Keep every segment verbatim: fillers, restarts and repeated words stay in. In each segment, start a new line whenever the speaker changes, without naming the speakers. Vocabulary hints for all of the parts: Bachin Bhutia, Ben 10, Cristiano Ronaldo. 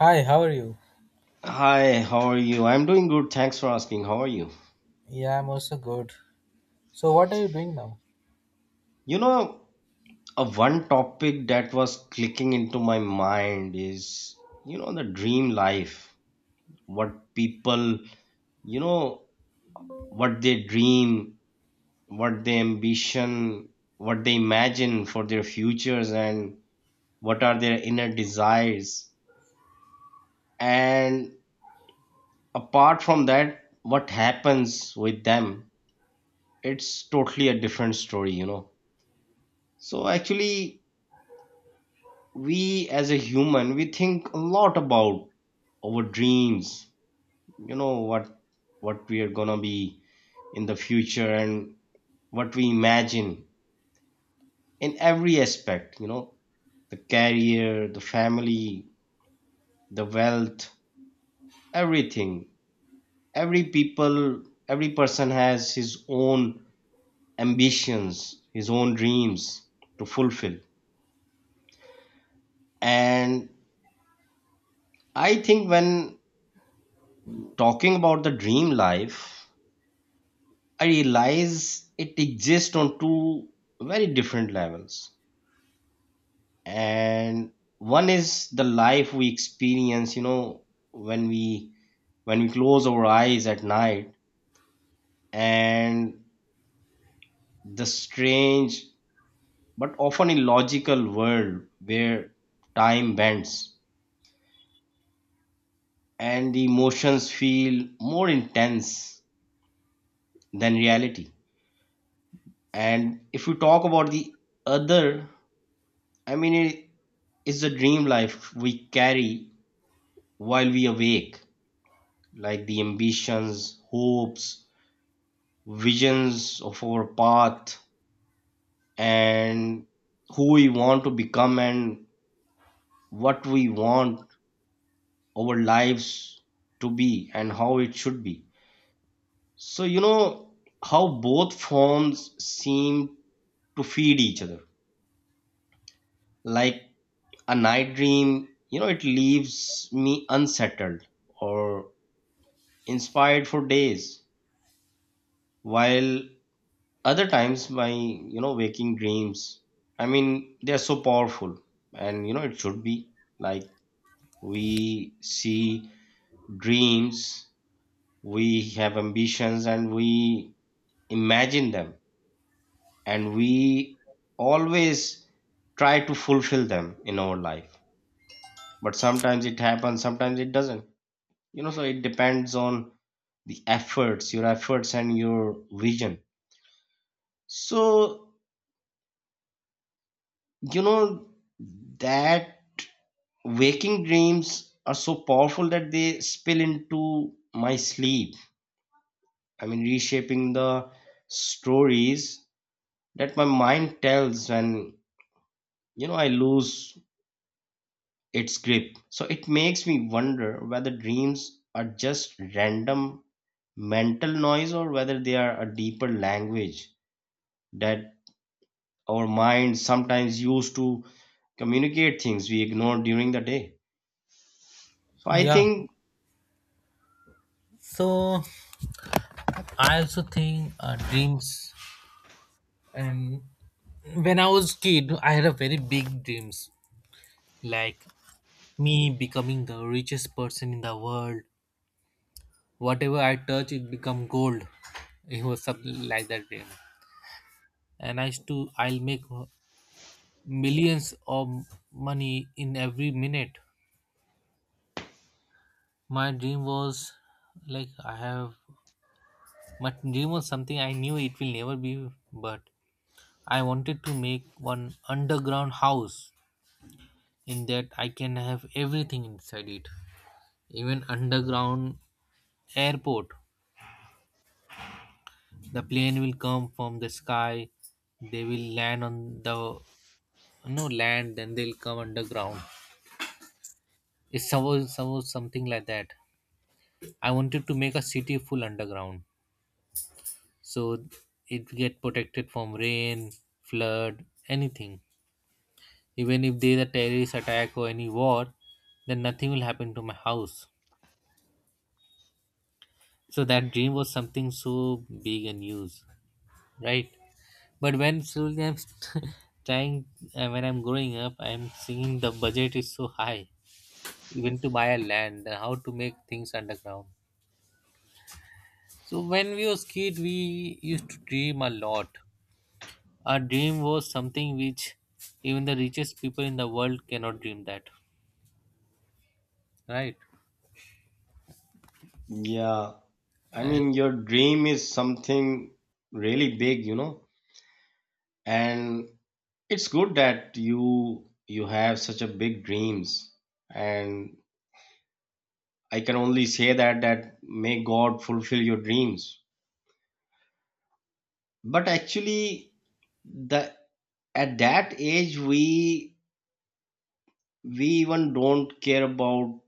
Hi, how are you?
Hi, how are you? I'm doing good. Thanks for asking. How are you?
Yeah, I'm also good. So, what are you doing now?
You know, a one topic that was clicking into my mind is, you know, the dream life. What people, you know, what they dream, what they ambition, what they imagine for their futures, and what are their inner desires. And apart from that, what happens with them, it's totally a different story, you know. So actually, we as a human we think a lot about our dreams you know what what we are gonna be in the future, and what we imagine in every aspect you know the career, the family, the wealth, everything. Every people, every person has his own ambitions, his own dreams to fulfill. And I think when talking about the dream life, I realize it exists on two very different levels. And one is the life we experience, you know, when we when we close our eyes at night, and the strange but often illogical world where time bends and the emotions feel more intense than reality. And if we talk about the other, I mean, it is the dream life we carry while we awake, like the ambitions, hopes, visions of our path, and who we want to become and what we want our lives to be and how it should be. So, you know how both forms seem to feed each other. Like a night dream, you know, it leaves me unsettled or inspired for days, while other times my you know waking dreams, I mean, they're so powerful. And you know it should be like, we see dreams, we have ambitions, and we imagine them, and we always try to fulfill them in our life, but sometimes it happens, sometimes it doesn't you know so it depends on the efforts your efforts and your vision. So you know that waking dreams are so powerful that they spill into my sleep. I mean, reshaping the stories that my mind tells when, you know, I lose its grip. So it makes me wonder whether dreams are just random mental noise, or whether they are a deeper language that our mind sometimes use to communicate things we ignore during the day. So I
Yeah.
think,
So, I also think uh, dreams. And when I was kid, I had a very big dreams, like me becoming the richest person in the world. Whatever I touch, it become gold. It was something like that dream. And I used to, I'll make millions of money in every minute. My dream was like I have But dream was something I knew it will never be, but I wanted to make one underground house in that I can have everything inside it. Even underground airport. The plane will come from the sky, they will land on the no land, then they'll come underground. It's suppose, suppose something like that. I wanted to make a city full underground. So it get protected from rain, flood, anything. Even if there's a terrorist attack or any war, then nothing will happen to my house. So that dream was something so big and huge, right? But when slowly I'm st- trying, uh, when I'm growing up, I'm seeing the budget is so high, even to buy a land and how to make things underground. So when we was kid, we used to dream a lot. Our dream was something which even the richest people in the world cannot dream that, right?
yeah, I
And
mean, your dream is something really big, you know, and it's good that you you have such a big dreams. And I can only say that that may God fulfill your dreams. But actually, the at that age we we even don't care about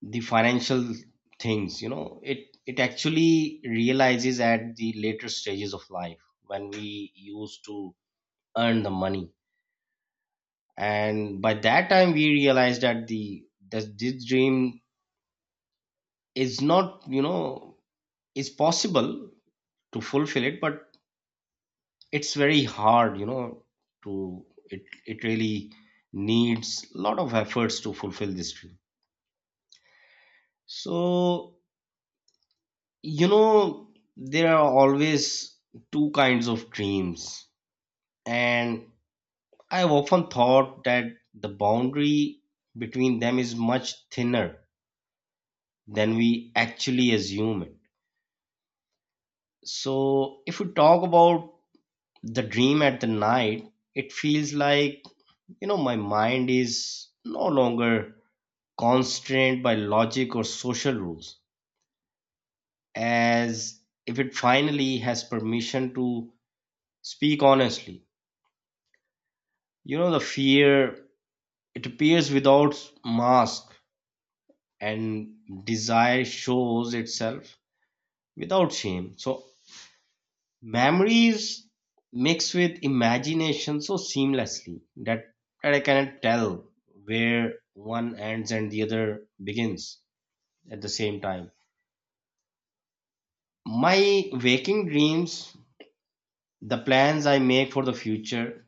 the financial things, you know. It it actually realizes at the later stages of life, when we used to earn the money, and by that time we realized that the that this dream is not you know is possible to fulfill it, but it's very hard you know to it it really needs a lot of efforts to fulfill this dream. So you know there are always two kinds of dreams, and I've often thought that the boundary between them is much thinner than we actually assume it. So if we talk about the dream at the night, it feels like you know my mind is no longer constrained by logic or social rules, as if it finally has permission to speak honestly. you know the fear, it appears without mask, and desire shows itself without shame. So memories mix with imagination so seamlessly that, that I cannot tell where one ends and the other begins at the same time. My waking dreams, the plans I make for the future,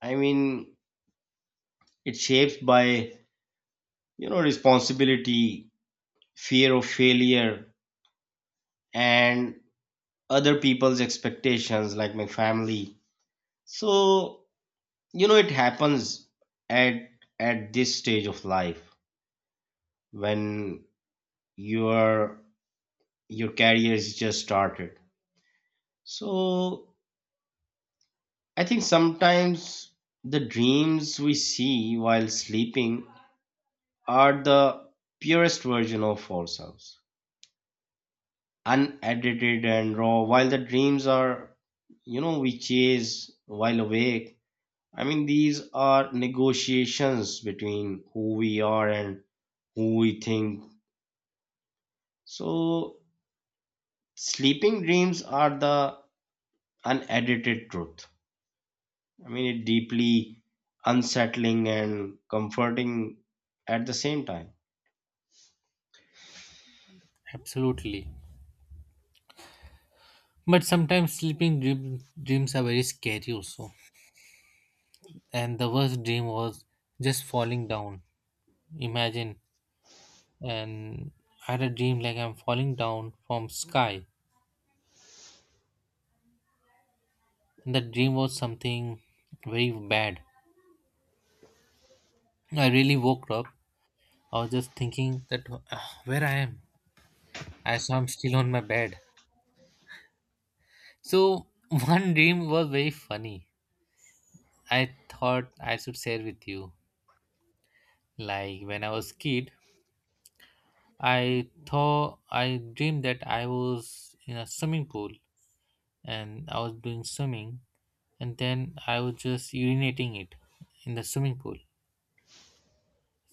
I mean, it's shaped by, you know, responsibility, fear of failure, and other people's expectations, like my family. So, you know, it happens at at this stage of life when your your career is just started. So I think sometimes the dreams we see while sleeping are the purest version of ourselves, unedited and raw, while the dreams are, you know we chase while awake, I mean these are negotiations between who we are and who we think. So sleeping dreams are the unedited truth. I mean, it deeply unsettling and comforting at the same time.
absolutely. But sometimes sleeping dream, dreams are very scary also. And the worst dream was just falling down. Imagine, and I had a dream like I'm falling down from sky. And the dream was something very bad. I really woke up. I was just thinking that "Ah, where I am. I saw I'm still on my bed. So one dream was very funny. I thought I should share with you. Like when I was kid, I thought I dreamed that I was in a swimming pool and I was doing swimming, and then I was just urinating it in the swimming pool.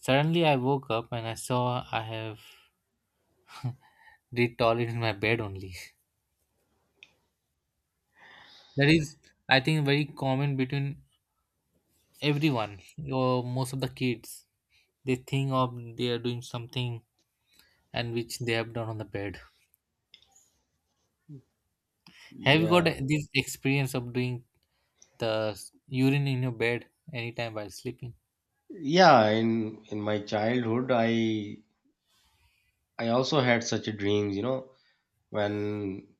Suddenly, I woke up and I saw I have did toilet in my bed only. That is, I think, very common between everyone or most of the kids. They think of they are doing something and which they have done on the bed. Have you got
Yeah.
this experience of doing the urine in your bed anytime while sleeping?
Yeah, in in my childhood, I I also had such a dreams, you know, when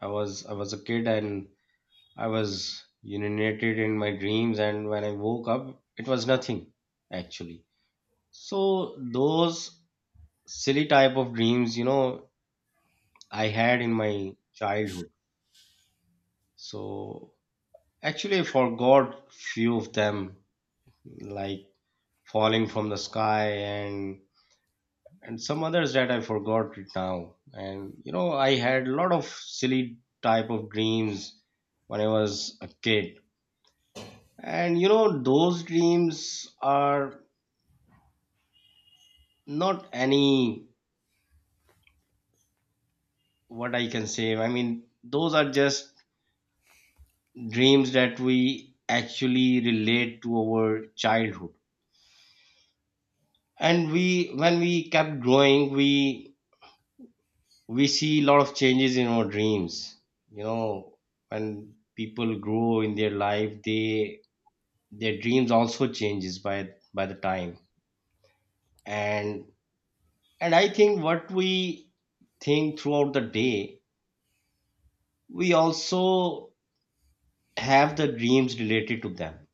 I was I was a kid and I was urinated in my dreams, and when I woke up, it was nothing actually. So those silly type of dreams, you know, I had in my childhood. So actually, I forgot few of them, like falling from the sky, and and some others that I forgot it now. And you know, I had a lot of silly type of dreams when I was a kid. And you know, those dreams are not any, what I can say. I mean, those are just dreams that we actually relate to our childhood. And we when we kept growing, we we see a lot of changes in our dreams you know when people grow in their life, they their dreams also changes by by the time. And and I think what we think throughout the day, we also have the dreams related to them.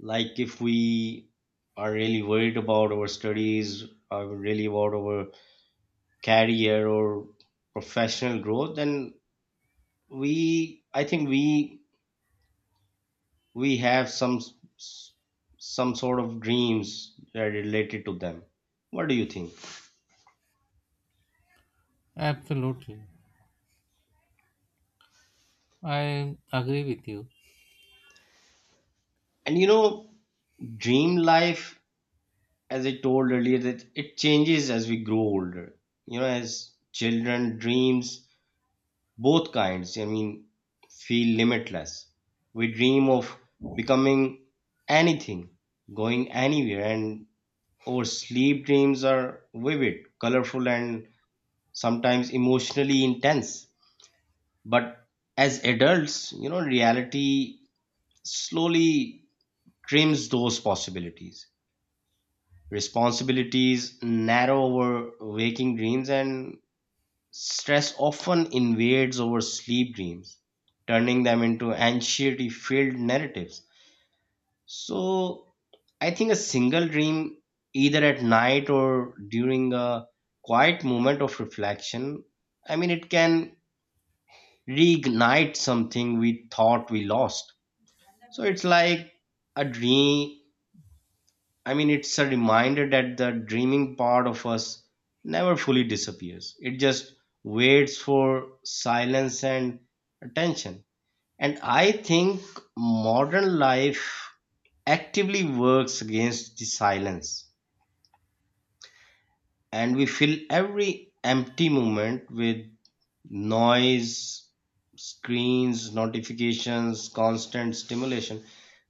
Like if we are really worried about our studies, or really about our career or professional growth, then we I think we we have some s- some sort of dreams that are related to them. What do you think?
Absolutely. I agree with you.
And you know, dream life, as I told earlier, that it changes as we grow older. You know, as children, dreams, both kinds, I mean, feel limitless. We dream of becoming anything, going anywhere, and our sleep dreams are vivid, colorful, and sometimes emotionally intense. But as adults, you know, reality slowly trims those possibilities. Responsibilities narrow over waking dreams, and stress often invades over sleep dreams, turning them into anxiety filled narratives. So, I think a single dream, either at night or during a quiet moment of reflection, I mean, it can reignite something we thought we lost. So it's like a dream. I mean, it's a reminder that the dreaming part of us never fully disappears. It just waits for silence and attention. And I think modern life actively works against the silence. And we fill every empty moment with noise, screens, notifications, constant stimulation.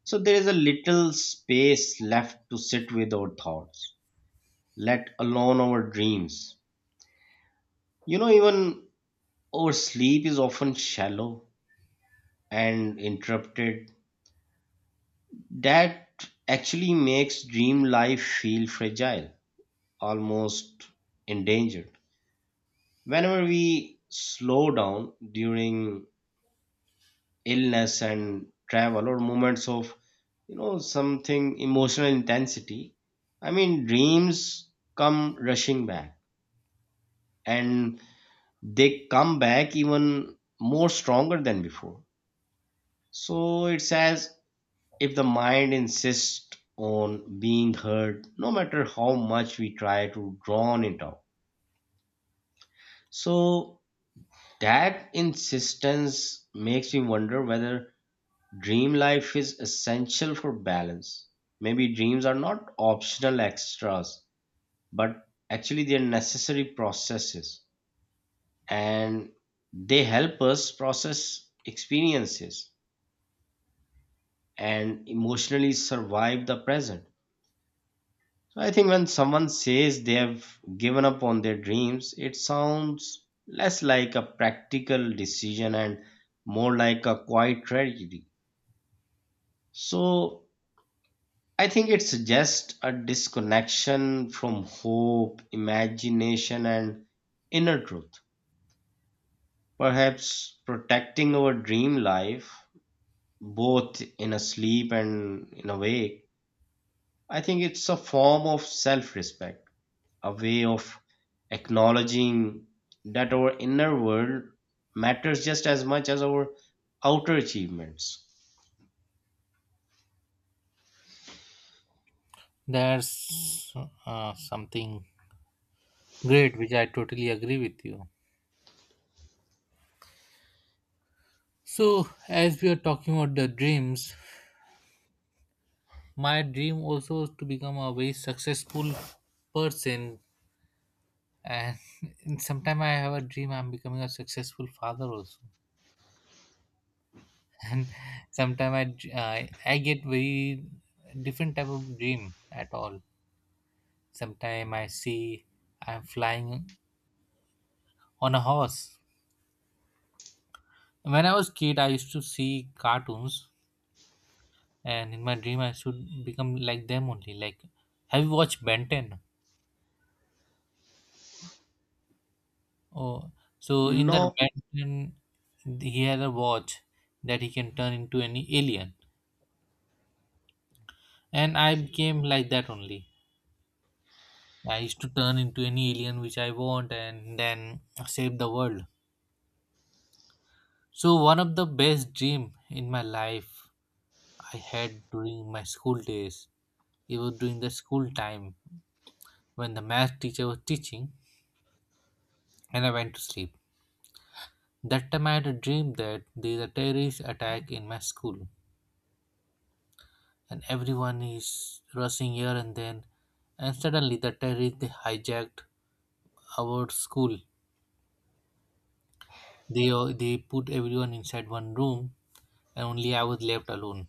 So there is a little space left to sit with our thoughts, let alone our dreams. You know, even our sleep is often shallow and interrupted. That actually makes dream life feel fragile, almost endangered. Whenever we slow down during illness and travel, or moments of, you know something emotional intensity, I mean dreams come rushing back, and they come back even more stronger than before. So it's as if the mind insists on being heard, no matter how much we try to drown it out. So that insistence makes me wonder whether dream life is essential for balance. Maybe dreams are not optional extras, but actually they're necessary processes, and they help us process experiences and emotionally survive the present. So I think when someone says they have given up on their dreams, it sounds less like a practical decision and more like a quiet tragedy. So I think it's just a disconnection from hope, imagination, and inner truth. Perhaps protecting our dream life, both in a sleep and in a wake, I think it's a form of self respect, a way of acknowledging that our inner world matters just as much as our outer achievements.
That's uh, something great which I totally agree with you. So, as we are talking about the dreams, my dream also is to become a very successful person. And sometimes I have a dream I'm becoming a successful father also. And sometimes I, dr- I I get very different type of dream at all. Sometimes I see I'm flying on a horse. When I was kid, I used to see cartoons, and in my dream, I should become like them only. Like, have you watched Ben ten? Oh, so in that
No,
Ben ten, he had a watch that he can turn into any alien, and I became like that only. I used to turn into any alien which I want, and then save the world. So one of the best dream in my life I had during my school days. It was during the school time when the math teacher was teaching and I went to sleep. That time I had a dream that there is a terrorist attack in my school and everyone is rushing here and then and suddenly the terrorists they hijacked our school. They they put everyone inside one room and only I was left alone.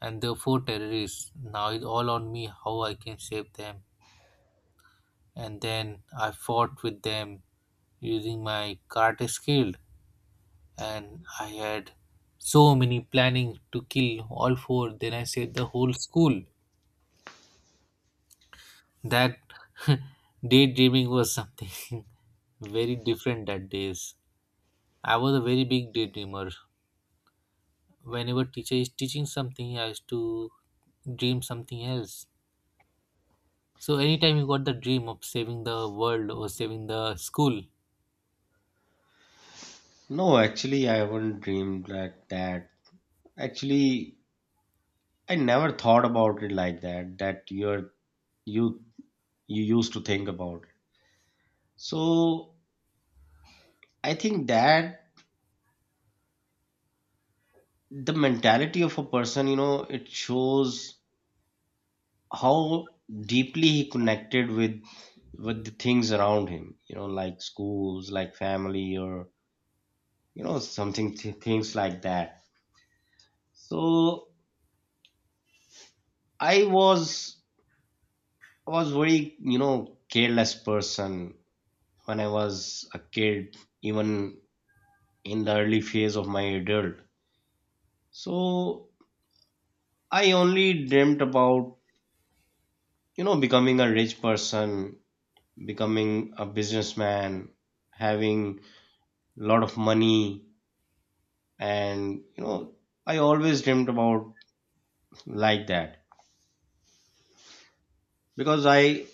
And there were four terrorists. Now it's all on me how I can save them. And then I fought with them using my karate skill and I had so many planning to kill all four. Then I saved the whole school. That daydreaming was something very different that days. I was a very big daydreamer. Whenever teacher is teaching something, I used to dream something else. So anytime you got the dream of saving the world or saving the school,
no, actually, I haven't dreamed like that. Actually, I never thought about it like that, that you're you you used to think about it. So I think that the mentality of a person, you know, it shows how deeply he connected with with the things around him, you know, like schools, like family, or you know, something th- things like that. So I was was very, you know, careless person when I was a kid, even in the early phase of my adult. So I only dreamt about, you know, becoming a rich person, becoming a businessman, having a lot of money. And, you know, I always dreamt about like that, because I,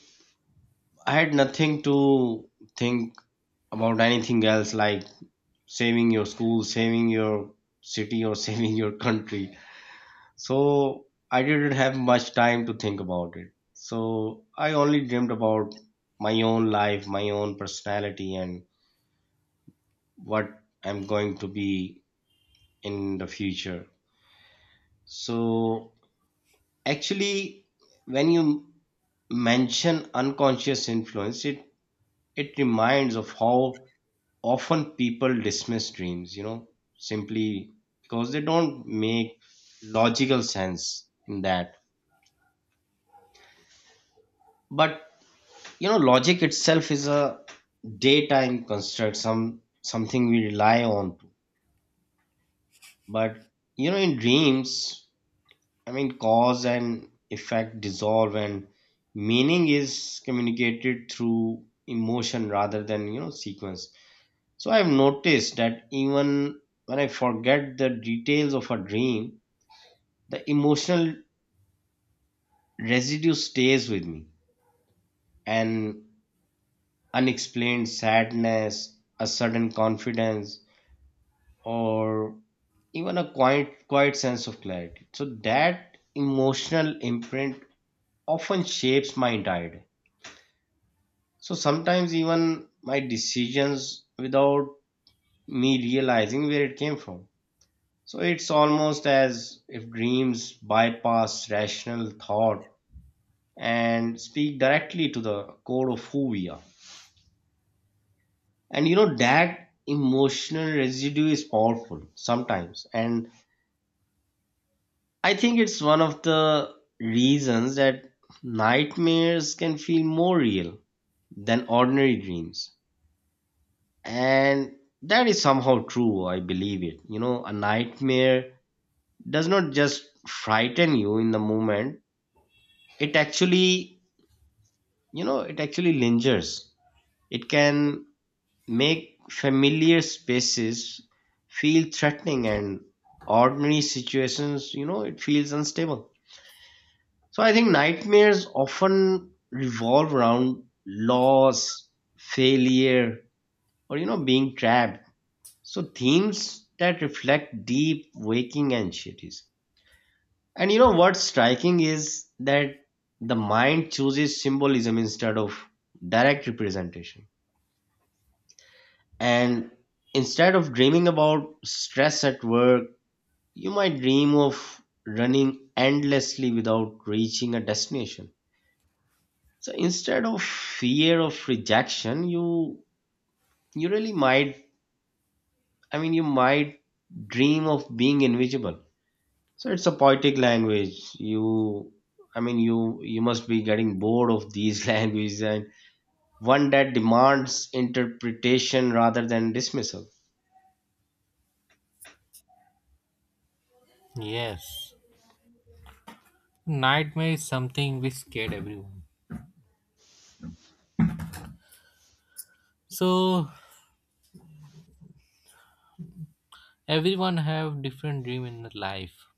I had nothing to think about anything else, like saving your school, saving your city, or saving your country. So I didn't have much time to think about it. So I only dreamed about my own life, my own personality, and what I'm going to be in the future. So actually, when you mention unconscious influence, it it reminds of how often people dismiss dreams, you know, simply because they don't make logical sense in that. But you know, logic itself is a daytime construct, some something we rely on to but you know, in dreams, i mean cause and effect dissolve and meaning is communicated through emotion rather than, you know sequence. So I've noticed that even when I forget the details of a dream, the emotional residue stays with me. An unexplained sadness, a sudden confidence, or even a quiet quiet sense of clarity. So that emotional imprint often shapes my entire day, so sometimes even my decisions, without me realizing where it came from. So it's almost as if dreams bypass rational thought and speak directly to the core of who we are. And you know, that emotional residue is powerful sometimes, and I think it's one of the reasons that nightmares can feel more real than ordinary dreams. And that is somehow true, I believe it. You know, a nightmare does not just frighten you in the moment, it actually, you know, it actually lingers. It can make familiar spaces feel threatening, and ordinary situations, you know, it feels unstable. So I think nightmares often revolve around loss, failure, or you know, being trapped. So themes that reflect deep waking anxieties. And you know what's striking is that the mind chooses symbolism instead of direct representation. And instead of dreaming about stress at work, you might dream of running endlessly without reaching a destination. So instead of fear of rejection, you you really might, i mean you might dream of being invisible. So it's a poetic language. You i mean you you must be getting bored of these languages, and one that demands interpretation rather than dismissal.
yes, nightmare is something which scared everyone. So everyone have different dream in their life.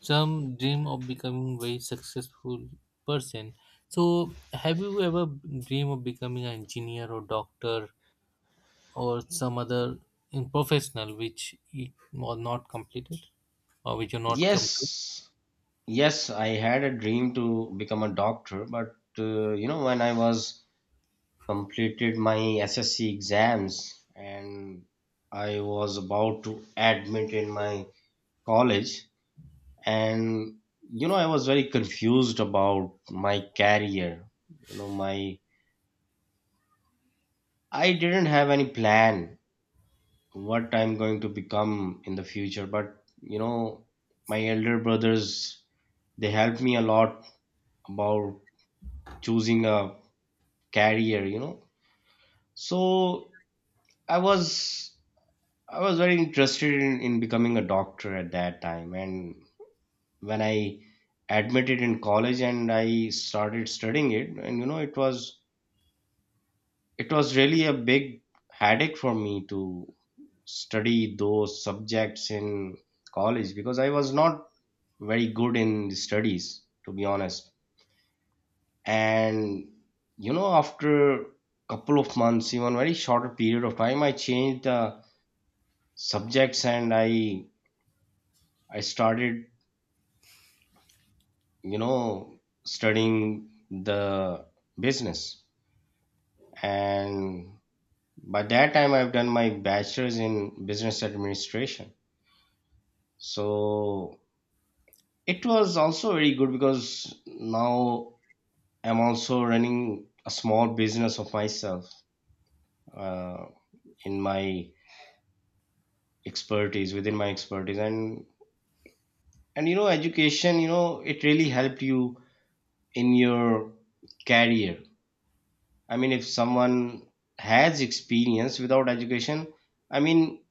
Some dream of becoming very successful person. So, have you ever dream of becoming an engineer or doctor or some other in professional which you are not completed or which you not come to?
Yes, yes, I had a dream to become a doctor, but uh, you know, when I was completed my S S C exams and I was about to admit in my college. And you know, I was very confused about my career. You know, my, I didn't have any plan what I'm going to become in the future. But you know, my elder brothers, they helped me a lot about choosing a career, you know. So I was, I was very interested in, in becoming a doctor at that time. And when I admitted in college and I started studying it, and you know, it was, it was really a big headache for me to study those subjects in college because I was not very good in the studies, to be honest. And you know, after couple of months, even very shorter period of time, I changed the subjects and I I started, you know, studying the business. And by that time, I've done my bachelor's in business administration. So it was also very good because now I'm also running a small business of myself, uh, in my expertise, within my expertise. And and you know, education, you know, it really helped you in your career. I mean, if someone has experience without education, I mean,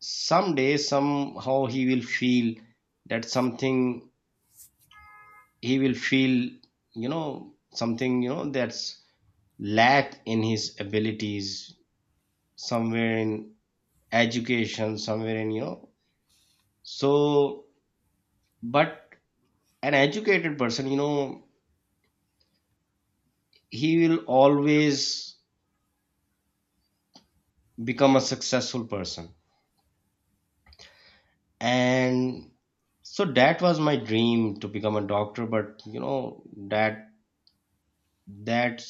someday, somehow he will feel that something, he will feel, you know, something, you know, that's lack in his abilities somewhere in education, somewhere in, you know. So, but an educated person, you know, he will always become a successful person. And so that was my dream to become a doctor, but you know, that that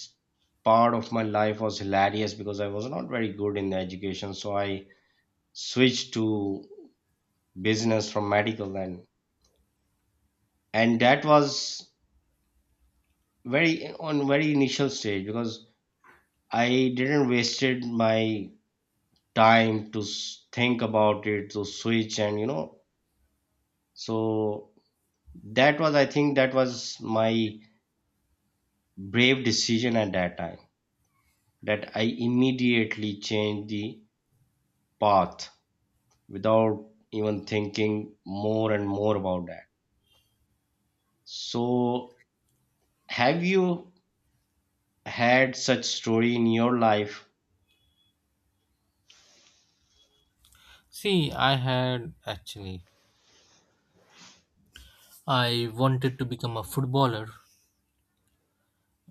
part of my life was hilarious because I was not very good in the education, so I switched to business from medical. And and that was very on very initial stage because I didn't wasted my time to s- think about it to switch, and you know. So that was, I think that was my brave decision at that time, that I immediately change the path without even thinking more and more about that. So, have you had such story in your life?
See, I had actually I wanted to become a footballer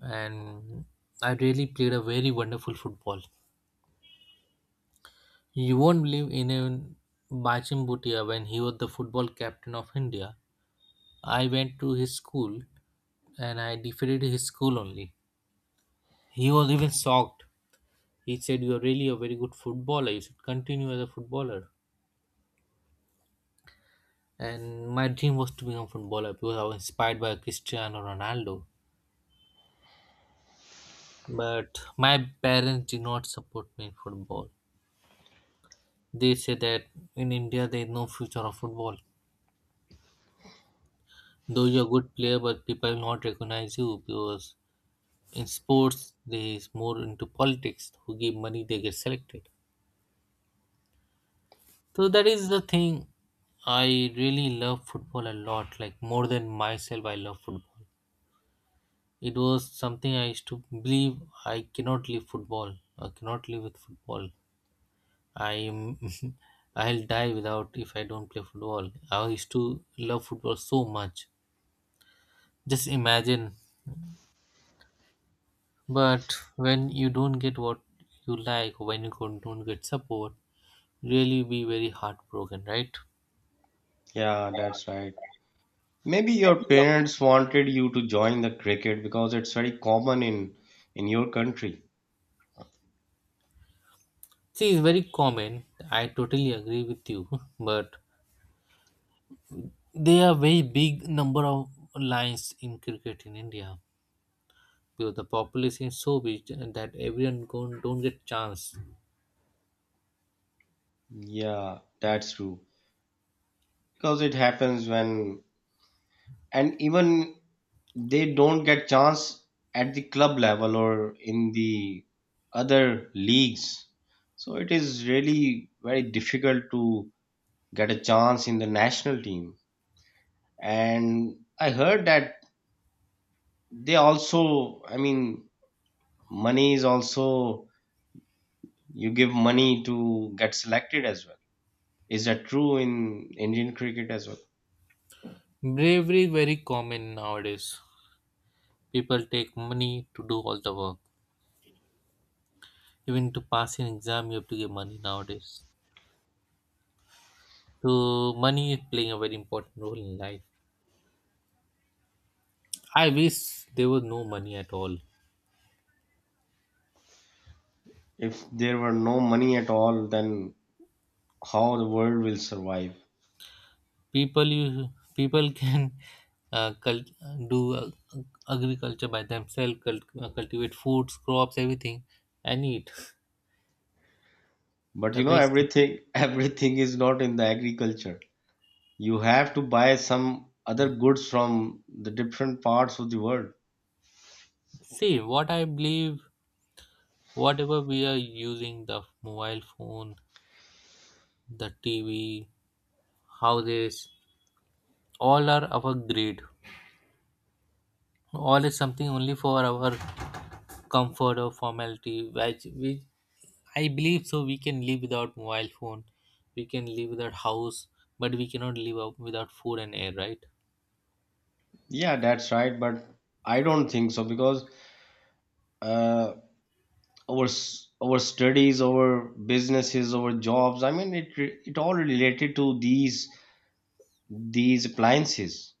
and I really played a very wonderful football. You won't believe in even Bachin Bhutia when he was the football captain of India. I went to his school and I defeated his school only. He was even shocked. He said, You are really a very good footballer. You should continue as a footballer. And my dream was to become a footballer because I was inspired by Cristiano Ronaldo. But my parents did not support me in football. They said that in India there is no future of football. Though you're a good player, but people will not recognize you because in sports there is more into politics. Who give money, they get selected. So that is the thing. I really love football a lot, like more than myself, I love football. It was something I used to believe I cannot leave football. I cannot live with football. I'm I'll die without if I don't play football. I used to love football so much. Just imagine. But when you don't get what you like, when you don't don't get support, really be very heartbroken, right?
Yeah, that's right. Maybe your parents wanted you to join the cricket because it's very common in in your country.
See, it's very common. I totally agree with you, but there are very big number of lines in cricket in India because the population is so big that everyone go- don't get chance.
Yeah, that's true. Because it happens when, and even they don't get chance at the club level or in the other leagues, so it is really very difficult to get a chance in the national team. And I heard that they also, I mean, money is also, you give money to get selected as well. Is that true in Indian cricket as well?
Bravery is very common nowadays. People take money to do all the work. Even to pass an exam, you have to give money nowadays. So money is playing a very important role in life. I wish there was no money at all.
If there were no money at all, then how the world will survive?
People you people can uh, cult- do uh, agriculture by themselves cult- uh, cultivate foods crops everything and eat
But
the
you know,
best.
everything everything is not in the agriculture. You have to buy some other goods from the different parts of the world.
See what I believe, whatever we are using, the mobile phone, the TV, houses, all are our greed, all is something only for our comfort or formality which, which I believe so. We can live without mobile phone, we can live without house, but we cannot live out- without food and air, right?
Yeah, that's right. But I don't think so because uh, our s- our studies, our businesses, our jobs. I mean, it re- it all related to these these appliances.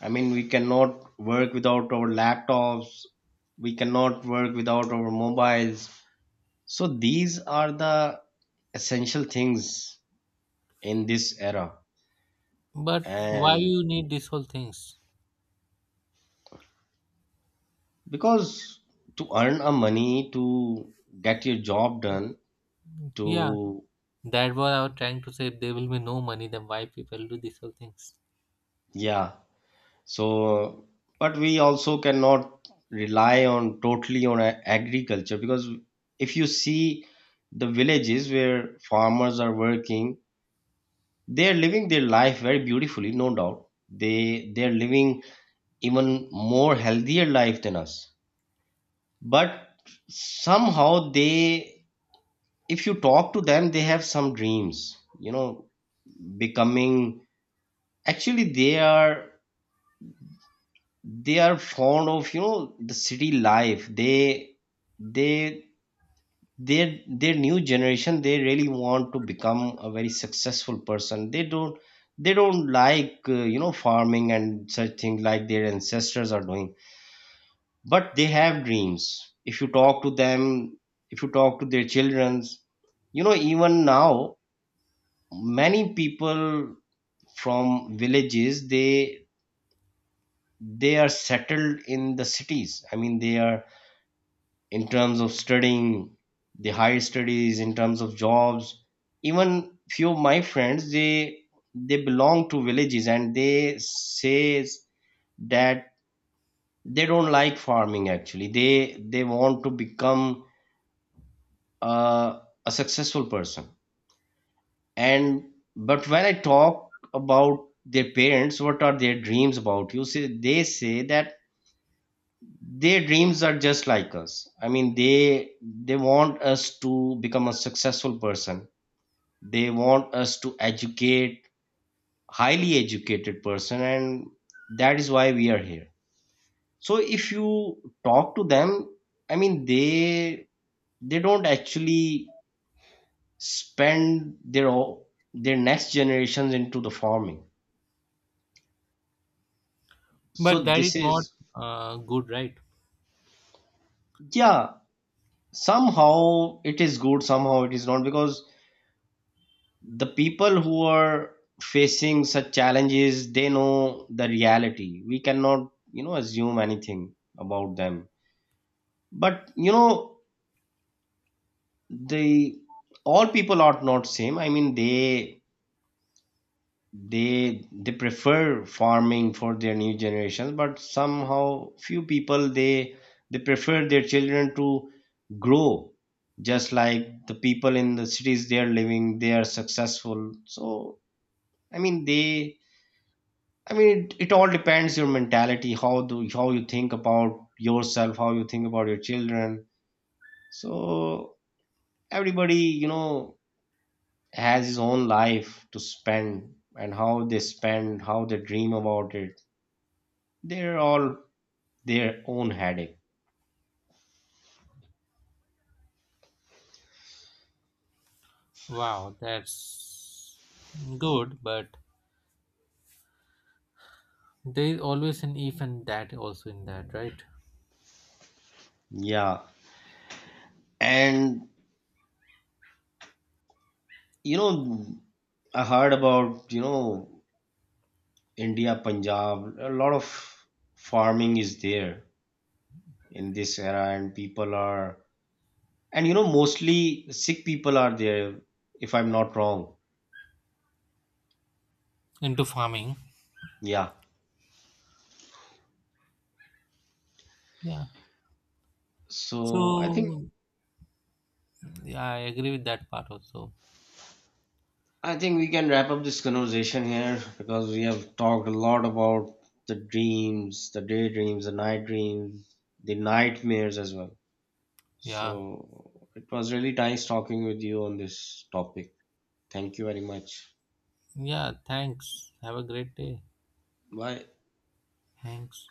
I mean, we cannot work without our laptops. We cannot work without our mobiles. So these are the essential things in this era.
But why
And
you need these whole things?
because to earn a money, to get your job done,
Yeah,
to,
that was I was trying to say. If there will be no money, then why people do these whole things?
yeah. So but we also cannot rely on totally on a- agriculture because if you see the villages where farmers are working, they are living their life very beautifully. No doubt, they they are living even more healthier life than us. But somehow they, if you talk to them, they have some dreams, you know. Becoming, actually they are, they are fond of, you know, the city life. they they their their new generation, they really want to become a very successful person. They don't they don't like uh, you know, farming and such things like their ancestors are doing. But they have dreams. If you talk to them, if you talk to their children, you know, even now many people from villages, they they are settled in the cities. I mean, they are in terms of studying, the higher studies, in terms of jobs. Even few of my friends, they they belong to villages, and they say that they don't like farming. Actually they they want to become, uh, a successful person. And but when I talk about their parents, what are their dreams about you, say, they say that their dreams are just like us. I mean, they they want us to become a successful person. They want us to educate, highly educated person. And that is why we are here. So if you talk to them, I mean, they they don't actually spend their o- their next generations into the farming.
But
So
that is
this
not
is,
uh, good, right?
yeah, somehow it is good, somehow it is not, because the people who are facing such challenges, they know the reality. We cannot, you know, assume anything about them. But you know, the all people are not same. I mean, they, they they prefer farming for their new generations. But somehow few people, they they prefer their children to grow just like the people in the cities they are living, they are successful. So I mean, they, I mean, it, it all depends your mentality, how do how you think about yourself, how you think about your children. So everybody, you know, has his own life to spend and how they spend, how they dream about it. They're all their own headache.
Wow, that's good, but there is always an if and that also in that, right?
Yeah. And you know, I heard about, you know, India, Punjab, a lot of farming is there in this era, and people are, and you know, mostly sick people are there, if I'm not wrong.
Into farming,
Yeah.
yeah.
So I think,
So yeah, I agree with that part also.
I think we can wrap up this conversation here because we have talked a lot about the dreams, the daydreams, the night dreams, the nightmares as well.
Yeah.
So it was really nice talking with you on this topic. Thank you very much.
Yeah, thanks. Have a great day.
Bye.
Thanks.